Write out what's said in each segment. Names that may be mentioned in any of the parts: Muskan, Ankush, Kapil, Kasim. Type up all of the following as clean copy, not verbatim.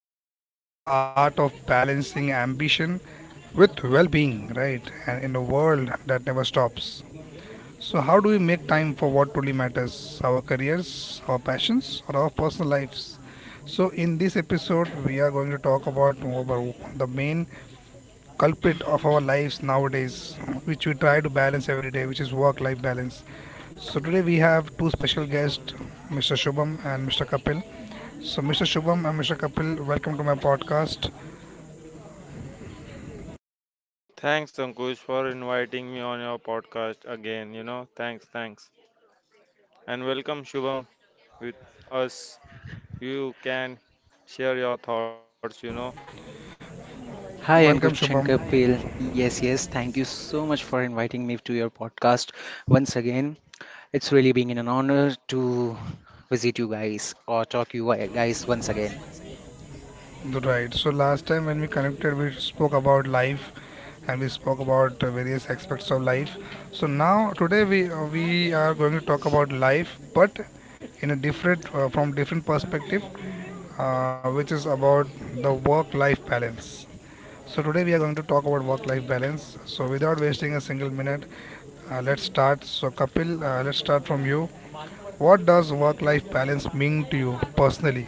where we explore the art of balancing ambition with well being, right? And in a world that never stops. So, how do we make time for what truly matters our careers, our passions, or our personal lives? So, in this episode, we are going to talk about the main culprit of our lives nowadays, which we try to balance every day, which is work life balance. So today we have two special guests, Mr. Shubham and Mr. Kapil. So Mr. Shubham and Mr. Kapil, welcome to my podcast. Hi, Welcome Ankush Shubham. and Kapil. Yes, thank you so much for inviting me to your podcast once again. It's really being an honor to visit you guys or talk you guys once again. Right. So last time when we connected, we spoke about life and we spoke about various aspects of life. So now today we are going to talk about life, but in a different from different perspective, which is about the work-life balance. So today we are going to talk about work-life balance. So without wasting a single minute, let's start. So Kapil, let's start from you. What does work-life balance mean to you personally?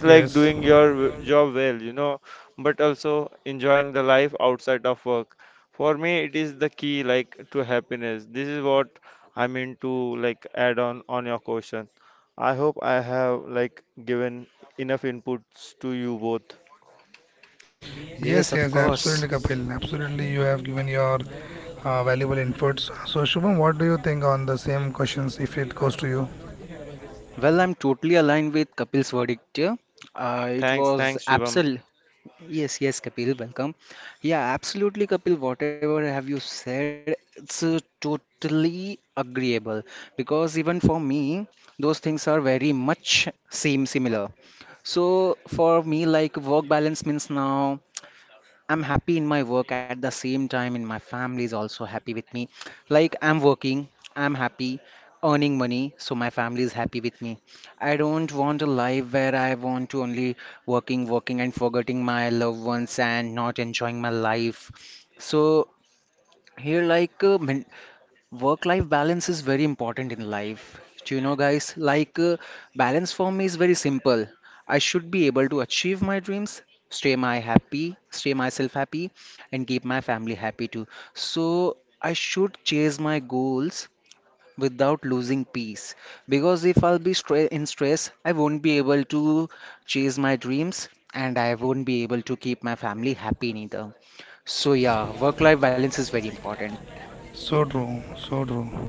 Yes, Yes, yes, of yes, course. absolutely, Kapil. Absolutely, you have given your valuable inputs. So Shubham, what do you think on the same questions if it goes to you? Well, I'm totally aligned with Kapil's verdict here. It was absolute. Yes, Kapil, welcome. Yeah, absolutely, Kapil. Whatever have you said, it's totally agreeable because even for me, those things are very much seem similar. So for me, like work balance means now. I'm happy in my work at the same time, and my family is also happy with me. Like, I'm working, I'm happy, earning money, so my family is happy with me. I don't want a life where I want to only working, and forgetting my loved ones and not enjoying my life. So, here like work life balance is very important in life. Do you know guys like balance for me is very simple. I should be able to achieve my dreams, stay my happy, stay myself happy, and keep my family happy too. So I should chase my goals without losing peace. Because if in stress, I won't be able to chase my dreams and I won't be able to keep my family happy neither. So, yeah, work life balance is very important. So true, so true.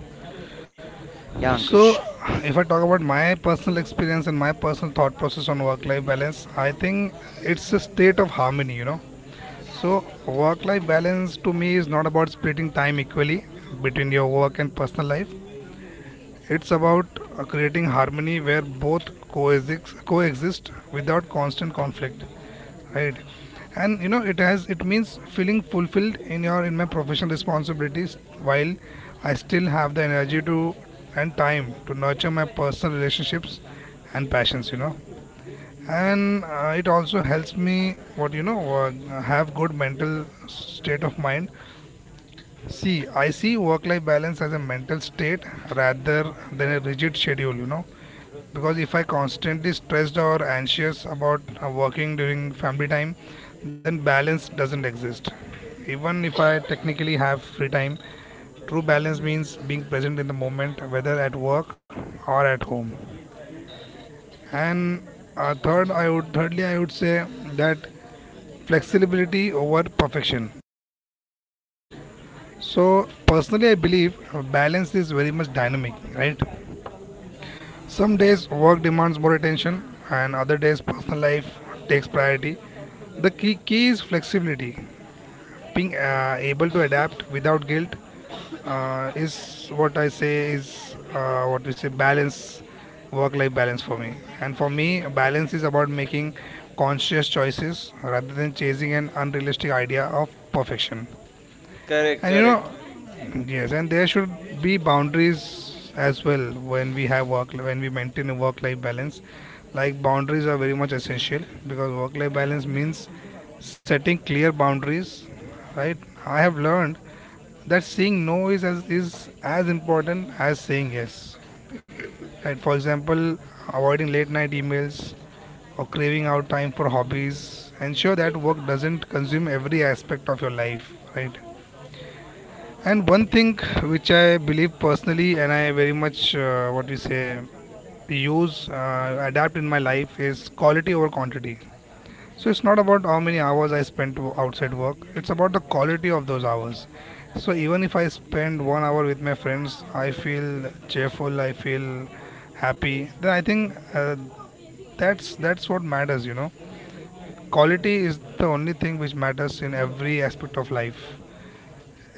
Yeah, Ankush. So, if I talk about my personal experience and my personal thought process on work life balance, I think it's a state of harmony, you know. So, work life balance to me is not about splitting time equally between your work and personal life. It's about creating harmony where both coexist, without constant conflict, right? And you know, it means feeling fulfilled in your in my professional responsibilities while I still have the energy to and time to nurture my personal relationships and passions, you know, and it also helps me what you know have good mental state of mind. See, I see work life balance as a mental state rather than a rigid schedule, you know, because if I constantly stressed or anxious about working during family time, then balance doesn't exist even if I technically have free time. True balance means being present in the moment, whether at work or at home. And thirdly I would say that flexibility over perfection. So personally, I believe balance is very much dynamic, right? Some days work demands more attention, and other days personal life takes priority. The key is flexibility, being able to adapt without guilt is what I say is what we say balance, work-life balance for me. And for me, balance is about making conscious choices rather than chasing an unrealistic idea of perfection. And you know, yes, and there should be boundaries as well when we have work, when we maintain a work life balance. Like, boundaries are very much essential because work life balance means setting clear boundaries, right? I have learned that saying no is as important as saying yes. Right? For example, avoiding late night emails or craving out time for hobbies. Ensure that work doesn't consume every aspect of your life, right? And one thing which I believe personally, and I very much what we say use adapt in my life is quality over quantity. So it's not about how many hours I spend to outside work. It's about the quality of those hours. So even if I spend 1 hour with my friends, I feel cheerful. I feel happy. Then I think that's what matters. You know, quality is the only thing which matters in every aspect of life.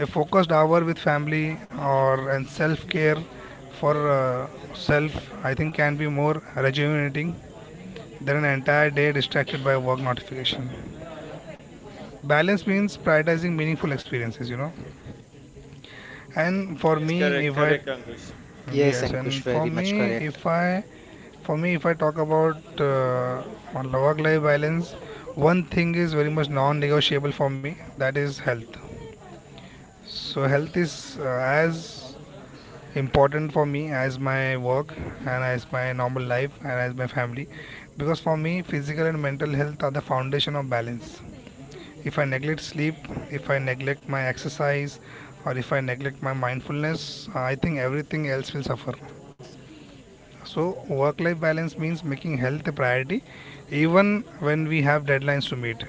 A focused hour with family or and self care for self, I think, can be more rejuvenating than an entire day distracted by work notification. Balance means prioritizing meaningful experiences, you know. And for me if I Yes, Yes, Ankush, and for very much correct. if i me, if I talk about on work life balance, one thing is very much non negotiable for me, that is health. So health is as important for me as my work and as my normal life and as my family, because for me physical and mental health are the foundation of balance. If I neglect sleep, if I neglect my exercise, or if I neglect my mindfulness, I think everything else will suffer. So work life balance means making health a priority even when we have deadlines to meet.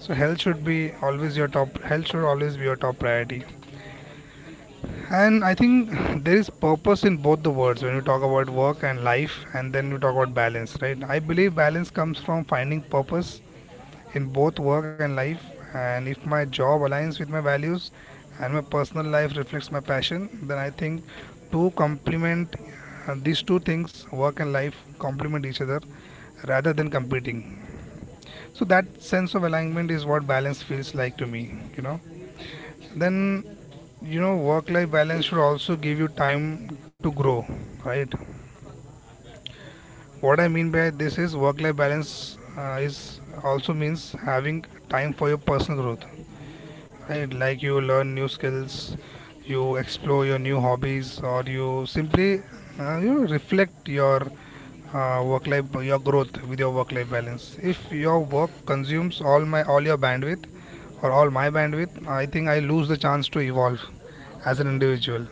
So health should always be your top priority. And I think there is purpose in both the words. When we talk about work and life and then we talk about balance, right, I believe balance comes from finding purpose in both work and life. And if my job aligns with my values and my personal life reflects my passion, then I think, to complement, these two things, work and life, complement each other rather than competing. So that sense of alignment is what balance feels like to me, you know. Then, you know, work life balance should also give you time to grow, right? What I mean by this is work life balance is also means having time for your personal growth, right? Like you learn new skills, you explore your new hobbies, or you simply you know, reflect your work life your growth with your work life balance. If your work consumes all your bandwidth or all my bandwidth, I think I lose the chance to evolve as an individual.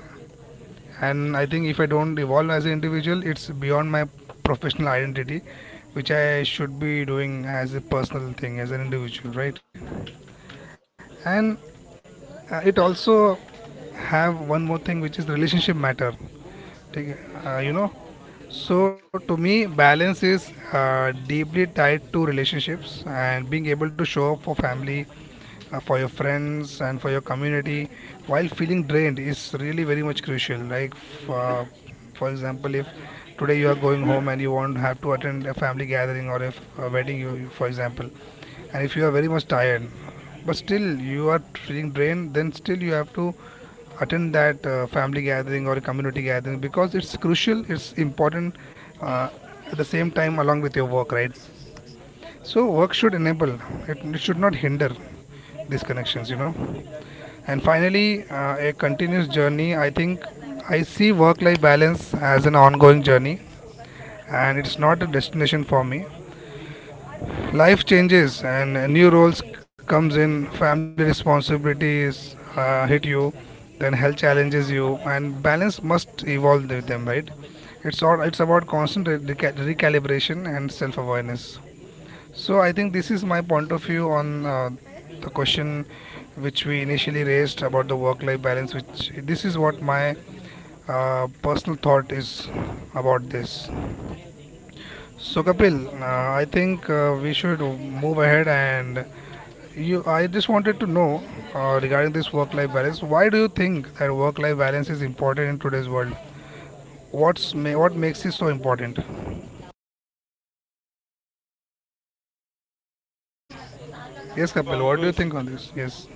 And I think if I don't evolve as an individual, it's beyond my professional identity, which I should be doing as a personal thing as an individual, right? And it also have one more thing, which is the relationship matter. Take- you know, so to me, balance is deeply tied to relationships, and being able to show up for family, for your friends, and for your community while feeling drained is really very much crucial. Like, for example, if today you are going home and you won't have to attend a family gathering or if a wedding, for example, and if you are very much tired but still you are feeling drained, then still you have to attend that family gathering or community gathering because it's crucial, it's important, uh, at the same time along with your work, right? So work should enable it should not hinder these connections, you know. And finally, a continuous journey, I think I see work life balance as an ongoing journey, and it's not a destination for me. Life changes, and new roles comes in, family responsibilities hit you, then health challenges you, and balance must evolve with them, right? It's about constant recalibration and self-awareness. So I think this is my point of view on the question which we initially raised about the work-life balance, which this is what my personal thought is about this. So Kapil, I think we should move ahead and you, I just wanted to know regarding this work-life balance. Why do you think that work-life balance is important in today's world? What's what makes it so important? Yes, Kapil. What do you think on this? Yes.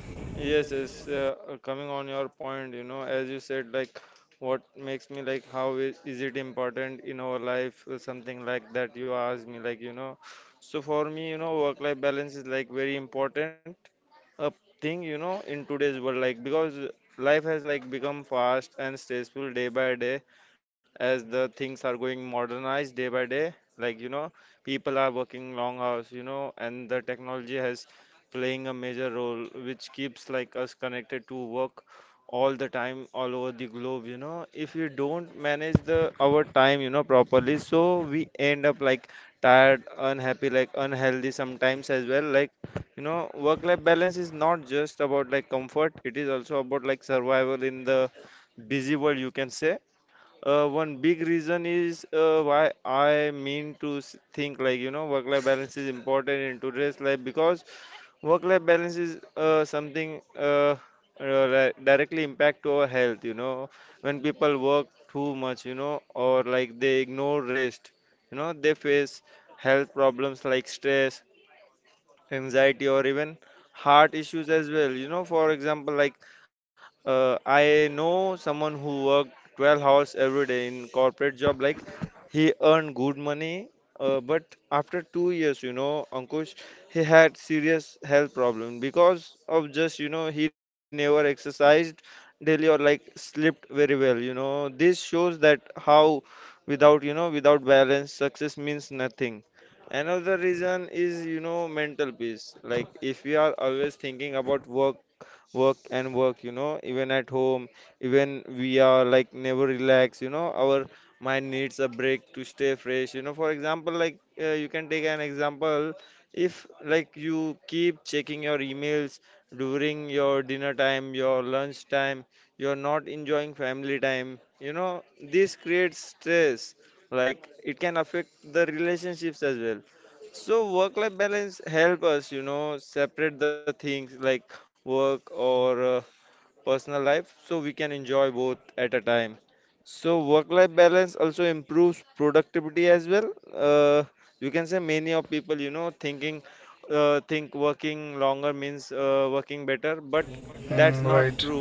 Mm, right.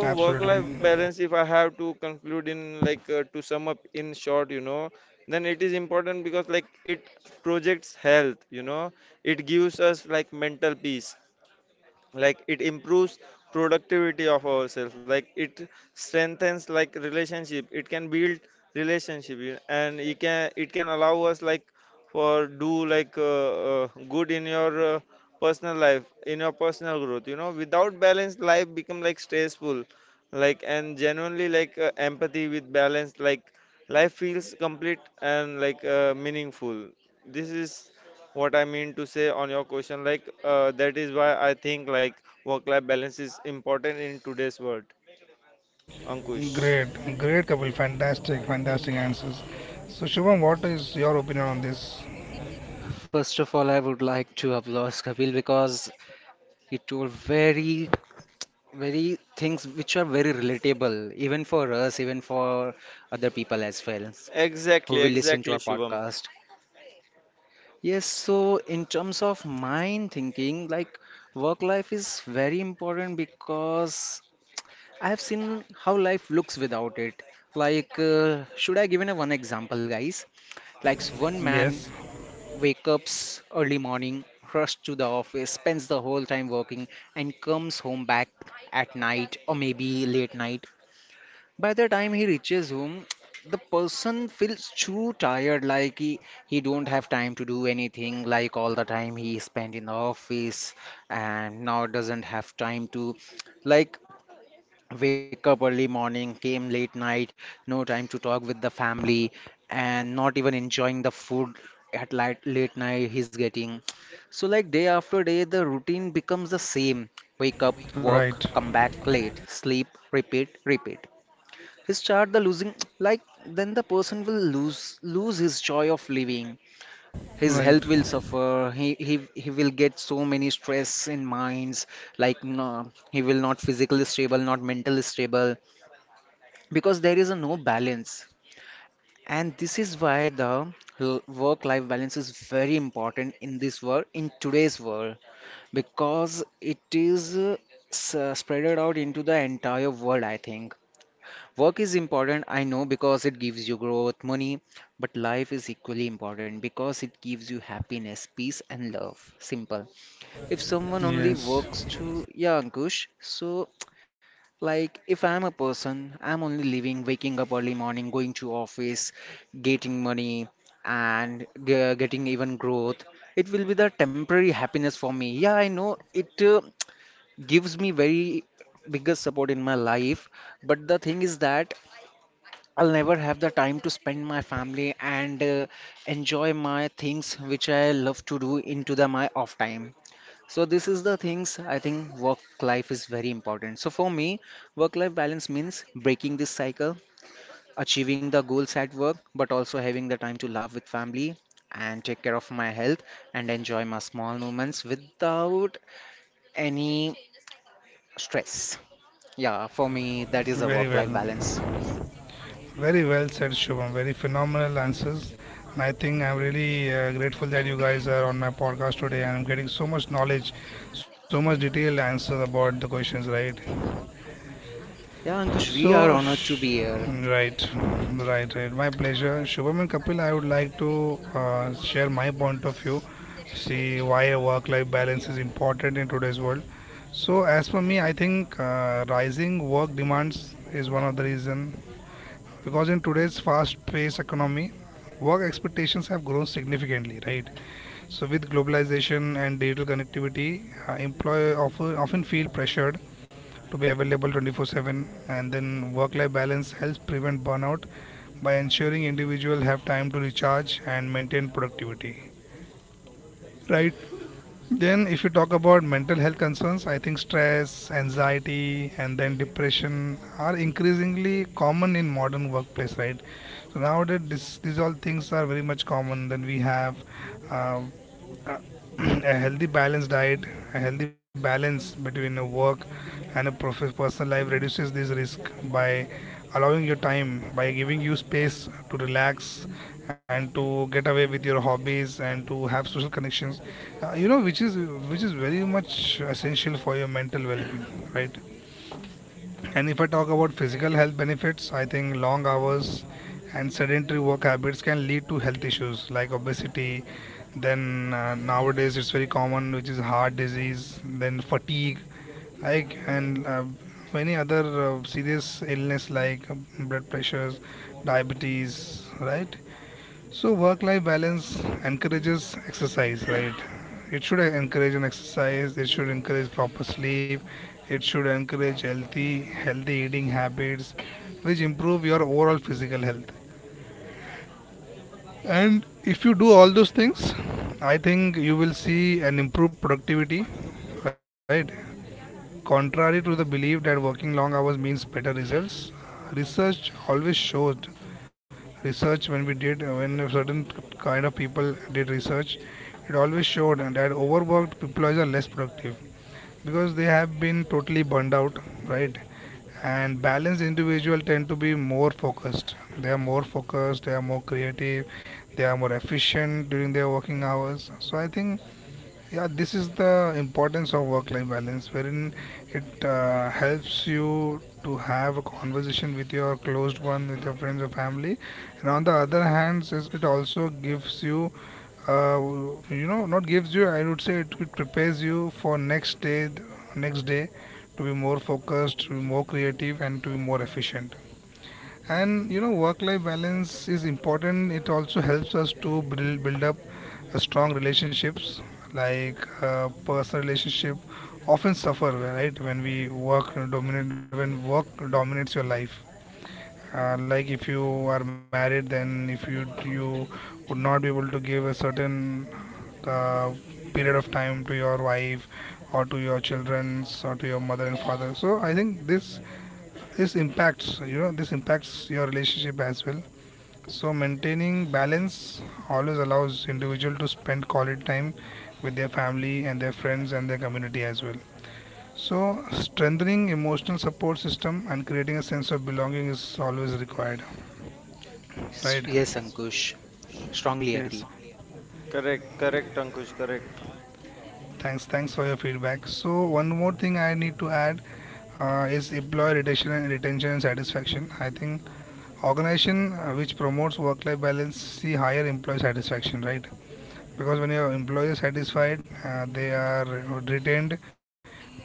Absolutely. Great. Great, Kapil. Fantastic. Fantastic answers. So, Shubham, what is your opinion on this? First of all, I would like to applaud Kapil because he told very, very things which are very relatable, even for us, even for other people as well who will listen to our podcast. Yes, so in terms of mind thinking, like work life is very important because I have seen how life looks without it. Like, should I give in a one example, guys? One man Yes. wake ups early morning, rush to the office, spends the whole time working, and comes home back at night or maybe late night. By the time he reaches home, the person feels too tired, like he don't have time to do anything, like all the time he spent in the office and now doesn't have time to, like, wake up early morning, came late night, no time to talk with the family, and not even enjoying the food at late, late night he's getting. So like day after day, the routine becomes the same. Wake up, Right. work, come back late, sleep, repeat, repeat, start the losing like then the person will lose his joy of living. His Right. health will suffer. He will get so many stress in minds, like, no, he will not physically stable, not mentally stable, because there is a no balance. And this is why the work life balance is very important in this world, in today's world, because it is spreaded out into the entire world, I think. Work is important, I know, because it gives you growth, money, but life is equally important because it gives you happiness, peace, and love. Simple. If someone only Yes. works to, yeah, Ankush, so like if I'm a person, I'm only living, waking up early morning, going to office, getting money, and getting even growth, it will be the temporary happiness for me. Yeah, I know it gives me very biggest support in my life, but the thing is that. I'll never have the time to spend my family and enjoy my things which I love to do into the my off time. So this is the things I think work life is very important. So for me, work life balance means breaking this cycle, achieving the goals at work, but also having the time to love with family and take care of my health and enjoy my small moments without any stress. Yeah, for me that is a Very work life balance. well. Very well said, Shubham. Very phenomenal answers. And I think I'm really grateful that you guys are on my podcast today and I'm getting so much knowledge, so much detailed answers about the questions, right? Yeah, Ankush, we So, are honored to be here. right, right, right. My pleasure. Shubham and Kapil, I would like to share my point of view, see why a work life balance is important in today's world. So, as for me, I think rising work demands is one of the reason, because in today's fast-paced economy work expectations have grown significantly, right? So with globalization and digital connectivity, employers often feel pressured to be available 24/7, and then work-life balance helps prevent burnout by ensuring individuals have time to recharge and maintain productivity, right? Then, if you talk about mental health concerns, I think stress, anxiety, and then depression are increasingly common in modern workplace, right? So nowadays, these all things are very much common. Then we have uh, a a healthy balanced diet, a healthy balance between a work and a personal life reduces this risk by allowing your time, by giving you space to relax and to get away with your hobbies and to have social connections. Which is which is very much essential for your mental well-being, right? And if I talk about physical health benefits, I think long hours and sedentary work habits can lead to health issues like obesity, then nowadays it's very common, which is heart disease, then fatigue like, and many other serious illness like blood pressures, diabetes, right? So work-life balance encourages exercise, right? It should encourage an exercise. It should encourage proper sleep. It should encourage healthy eating habits, which improve your overall physical health. And if you do all those things, I think you will see an improved productivity, right? Contrary to the belief that working long hours means better results, research always showed research when we did when a certain kind of people did research, it always showed that overworked employees are less productive because they have been totally burned out, right? And balanced individual tend to be more focused, they are more creative, they are more efficient during their working hours. So I think, yeah, this is the importance of work life balance, wherein it helps you to have a conversation with your closed one, with your friends or family. And on the other hand, says it also gives you uh, I would say it prepares you for next day, next day to be more focused, to be more creative, and to be more efficient. And you know, work-life balance is important. It also helps us to build up a strong relationships, like personal relationship often suffer, right? When we work dominate when work dominates your life. Uh, like if you are married, then if you would not be able to give a certain uh, period of time to your wife or to your children's, or to your mother and father. So I think this this impacts you know this impacts your relationship as well. So maintaining balance always allows individual to spend quality time with their family and their friends and their community as well. So strengthening emotional support system and creating a sense of belonging is always required, right? Yes, Ankush, strongly Yes. agree. Thanks. Thanks for your feedback. So one more thing I need to add, is employee retention and retention and satisfaction. I think organization which promotes work-life balance see higher employee satisfaction, right? Because when your employee is satisfied, they are retained,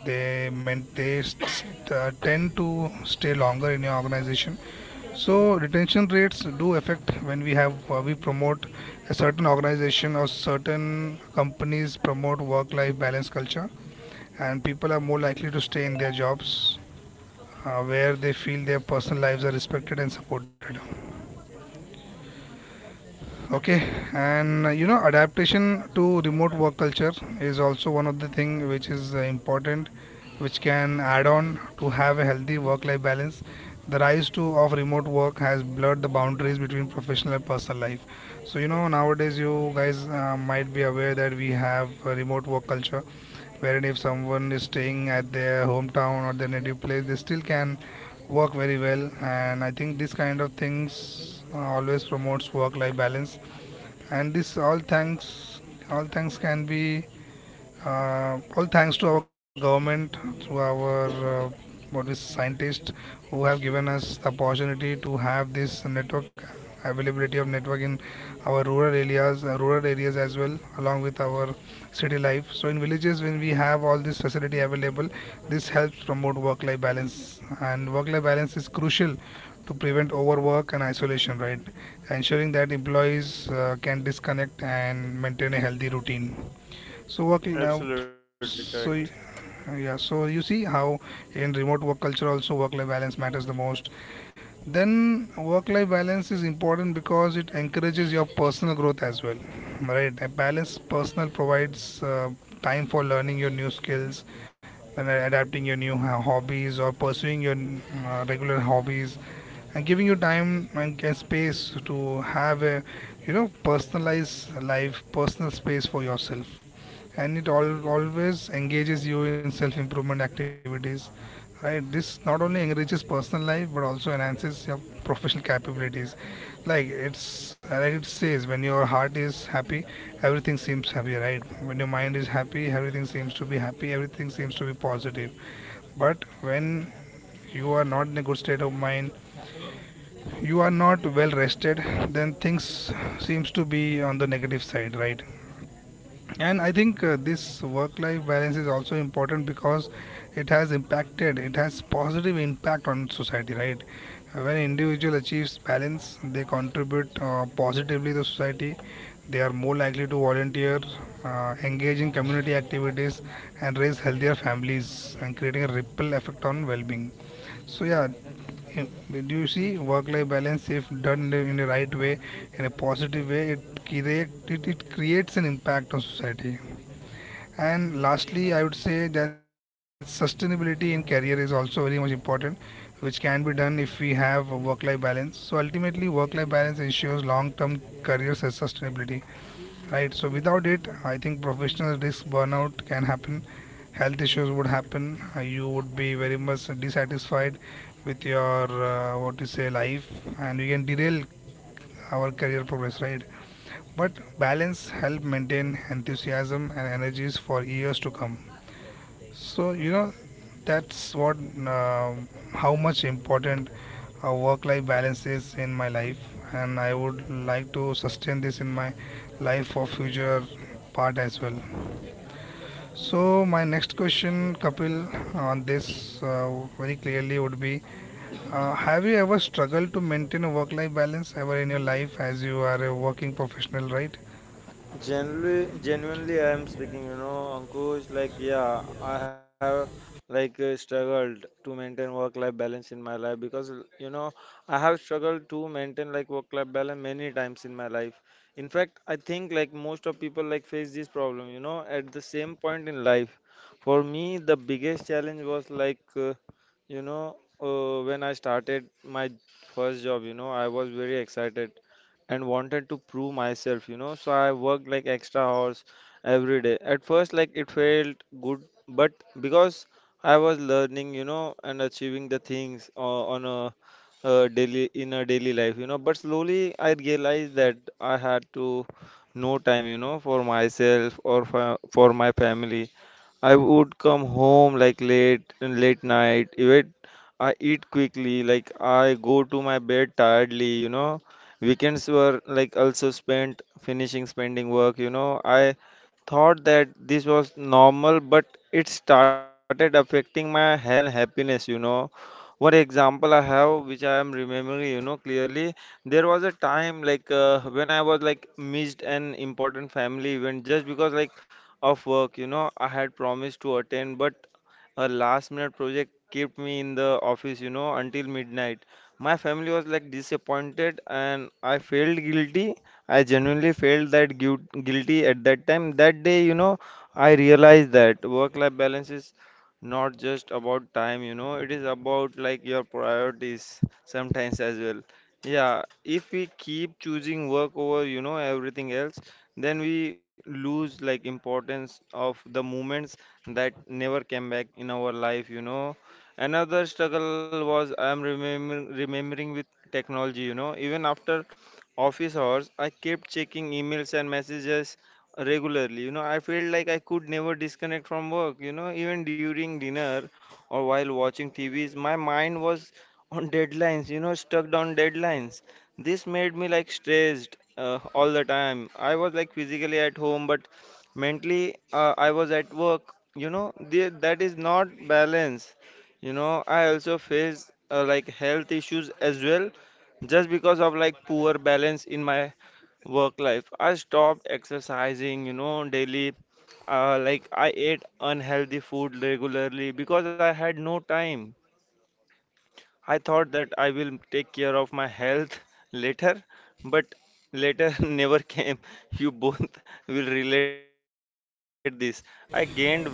they meant they st- tend to stay longer in your organization. So retention rates do affect when we promote a certain organization, or certain companies promote work life balance culture, and people are more likely to stay in their jobs where they feel their personal lives are respected and supported. Okay, and adaptation to remote work culture is also one of the thing which is important, which can add on to have a healthy work-life balance. The rise to of remote work has blurred the boundaries between professional and personal life. So you know, nowadays you guys might be aware that we have a remote work culture, wherein if someone is staying at their hometown or their native place, they still can work very well. And I think this kind of things always promotes work life balance. And this all thanks can be all thanks to our government, to our what is scientists, who have given us the opportunity to have this network, availability of network in our rural areas as well, along with our city life. So in villages, when we have all this facility available, this helps promote work-life balance, and work-life balance is crucial to prevent overwork and isolation. Right, ensuring that employees can disconnect and maintain a healthy routine. So yeah, so you see how in remote work culture also work-life balance matters the most. Then work-life balance is important because it encourages your personal growth as well, right? A balanced personal provides time for learning your new skills, and adapting your new hobbies, or pursuing your regular hobbies, and giving you time and space to have a, you know, personal space for yourself. And always engages you in self improvement activities, right? This not only enriches personal life but also enhances your professional capabilities. like it's like it says, when your heart is happy, everything seems happy, right? When your mind is happy, everything seems to be happy, everything seems to be positive. But when you are not in a good state of mind, you are not well rested, then things seems to be on the negative side, right? And I think this work life balance is also important because it has positive impact on society, right? When individual achieves balance, they contribute positively to society. They are more likely to volunteer, engage in community activities, and raise healthier families, and creating a ripple effect on well-being. So yeah, do you see work-life balance, if done in the right way, in a positive way, it creates an impact on society. And lastly, I would say that sustainability in career is also very much important, which can be done if we have a work-life balance. So ultimately work-life balance ensures long-term career sustainability, right? So without it, I think professional risk burnout can happen, health issues would happen, you would be very much dissatisfied with your what you say life, and we can derail our career progress, right? But balance help maintain enthusiasm and energies for years to come. So, you know, that's what, how much important work life balance is in my life, and I would like to sustain this in my life for future part as well. So, my next question, Kapil, on this very clearly would be, have you ever struggled to maintain a work life balance ever in your life, as you are a working professional, right?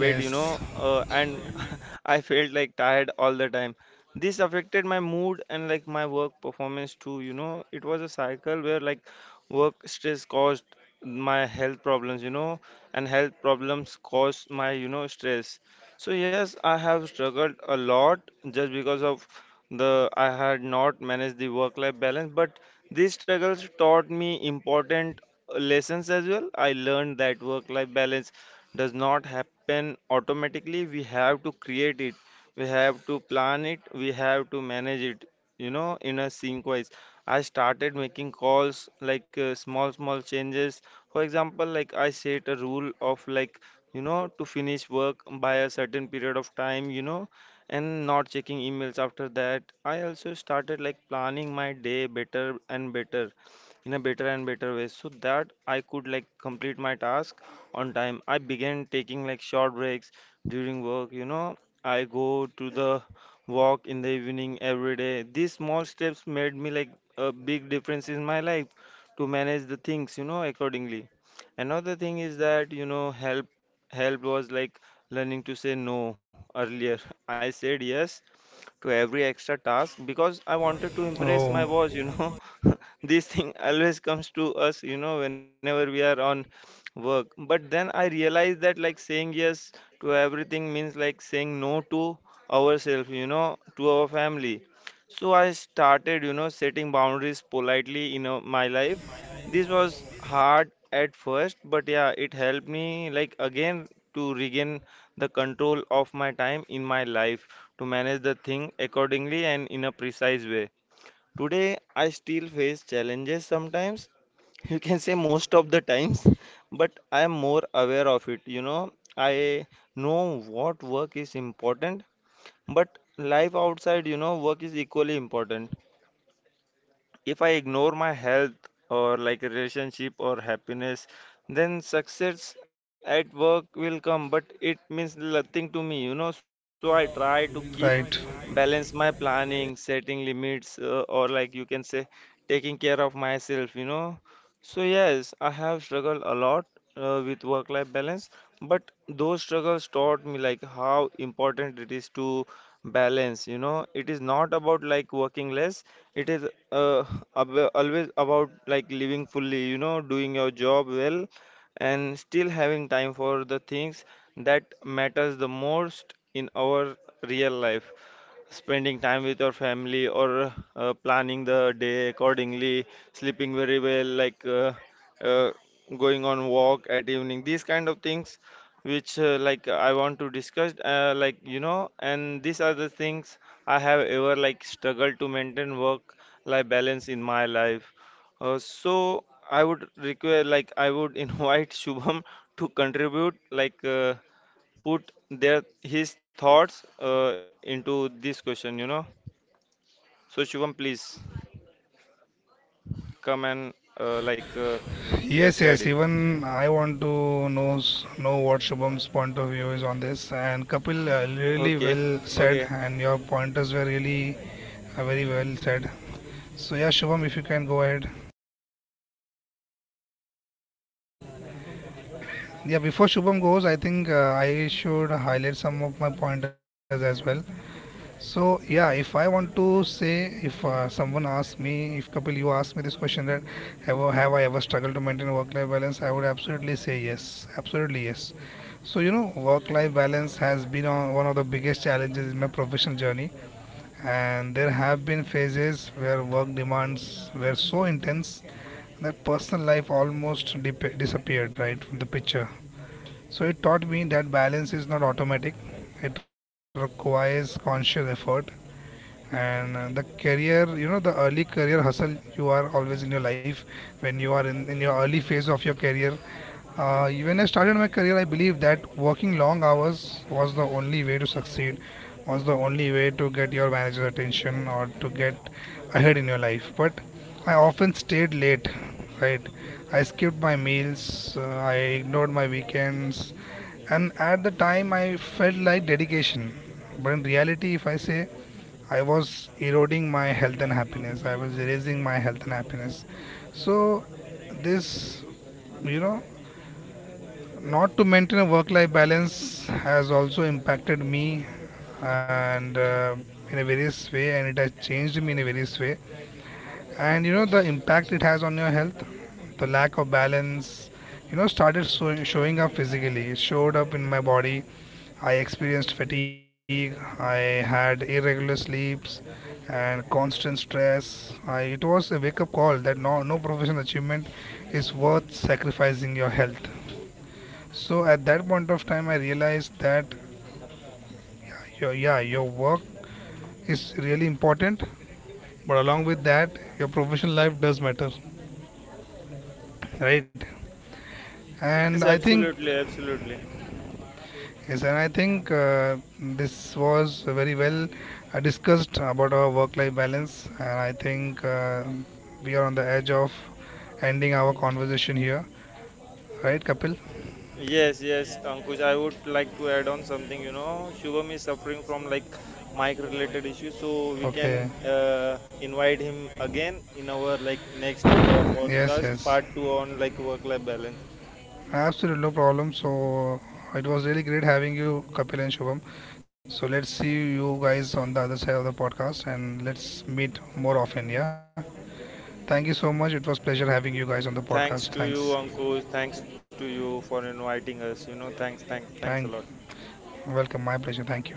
Yes. Oh, right. Yes, yes. Even I want to know what Shubham's point of view is on this. And Kapil, really well said, and your pointers were really very well said. So yeah, Shubham, if you can go ahead. Yeah, before Shubham goes, I think I should highlight some of my pointers as well. So yeah, if I want to say, if someone asks me, if Kapil, you ask me this question that have I ever struggled to maintain work-life balance, I would absolutely say yes, absolutely yes. So you know, work-life balance has been on one of the biggest challenges in my professional journey, and there have been phases where work demands were so intense that personal life almost disappeared right from the picture. So it taught me that balance is not automatic; it requires conscious effort. And the early career hustle, you are always in your life when you are in your early phase of your career. Uh, when I started my career, I believe that working long hours was the only way to succeed, was the only way to get your manager's attention, or to get ahead in your life. But I often stayed late, right? I skipped my meals, I ignored my weekends, and at the time I felt like dedication, but in reality, if I say, I was eroding my health and happiness. I was erasing my health and happiness. So, this, you know, not to maintain a work life balance has also impacted me, and in a various way, and it has changed me in a various way. And you know, the impact it has on your health, the lack of balance, you know, started showing up physically, it showed up in my body. I experienced fatigue, I had irregular sleeps and constant stress. It was a wake up call that no professional achievement is worth sacrificing your health. So at that point of time, I realized that your yeah, your work is really important, but along with that, your professional life does matter, right? And I think, yes, and I think this was very well discussed about our work life balance. And I think we are on the edge of ending our conversation here. Right, Kapil? Okay. Yes, yes. Absolutely, no problem. So it was really great having you, Kapil and Shubham. So let's see you guys on the other side of the podcast, and let's meet more often. Yeah. Thank you so much. It was pleasure having you guys on the podcast. Thanks. Thank, welcome. My pleasure. Thank you.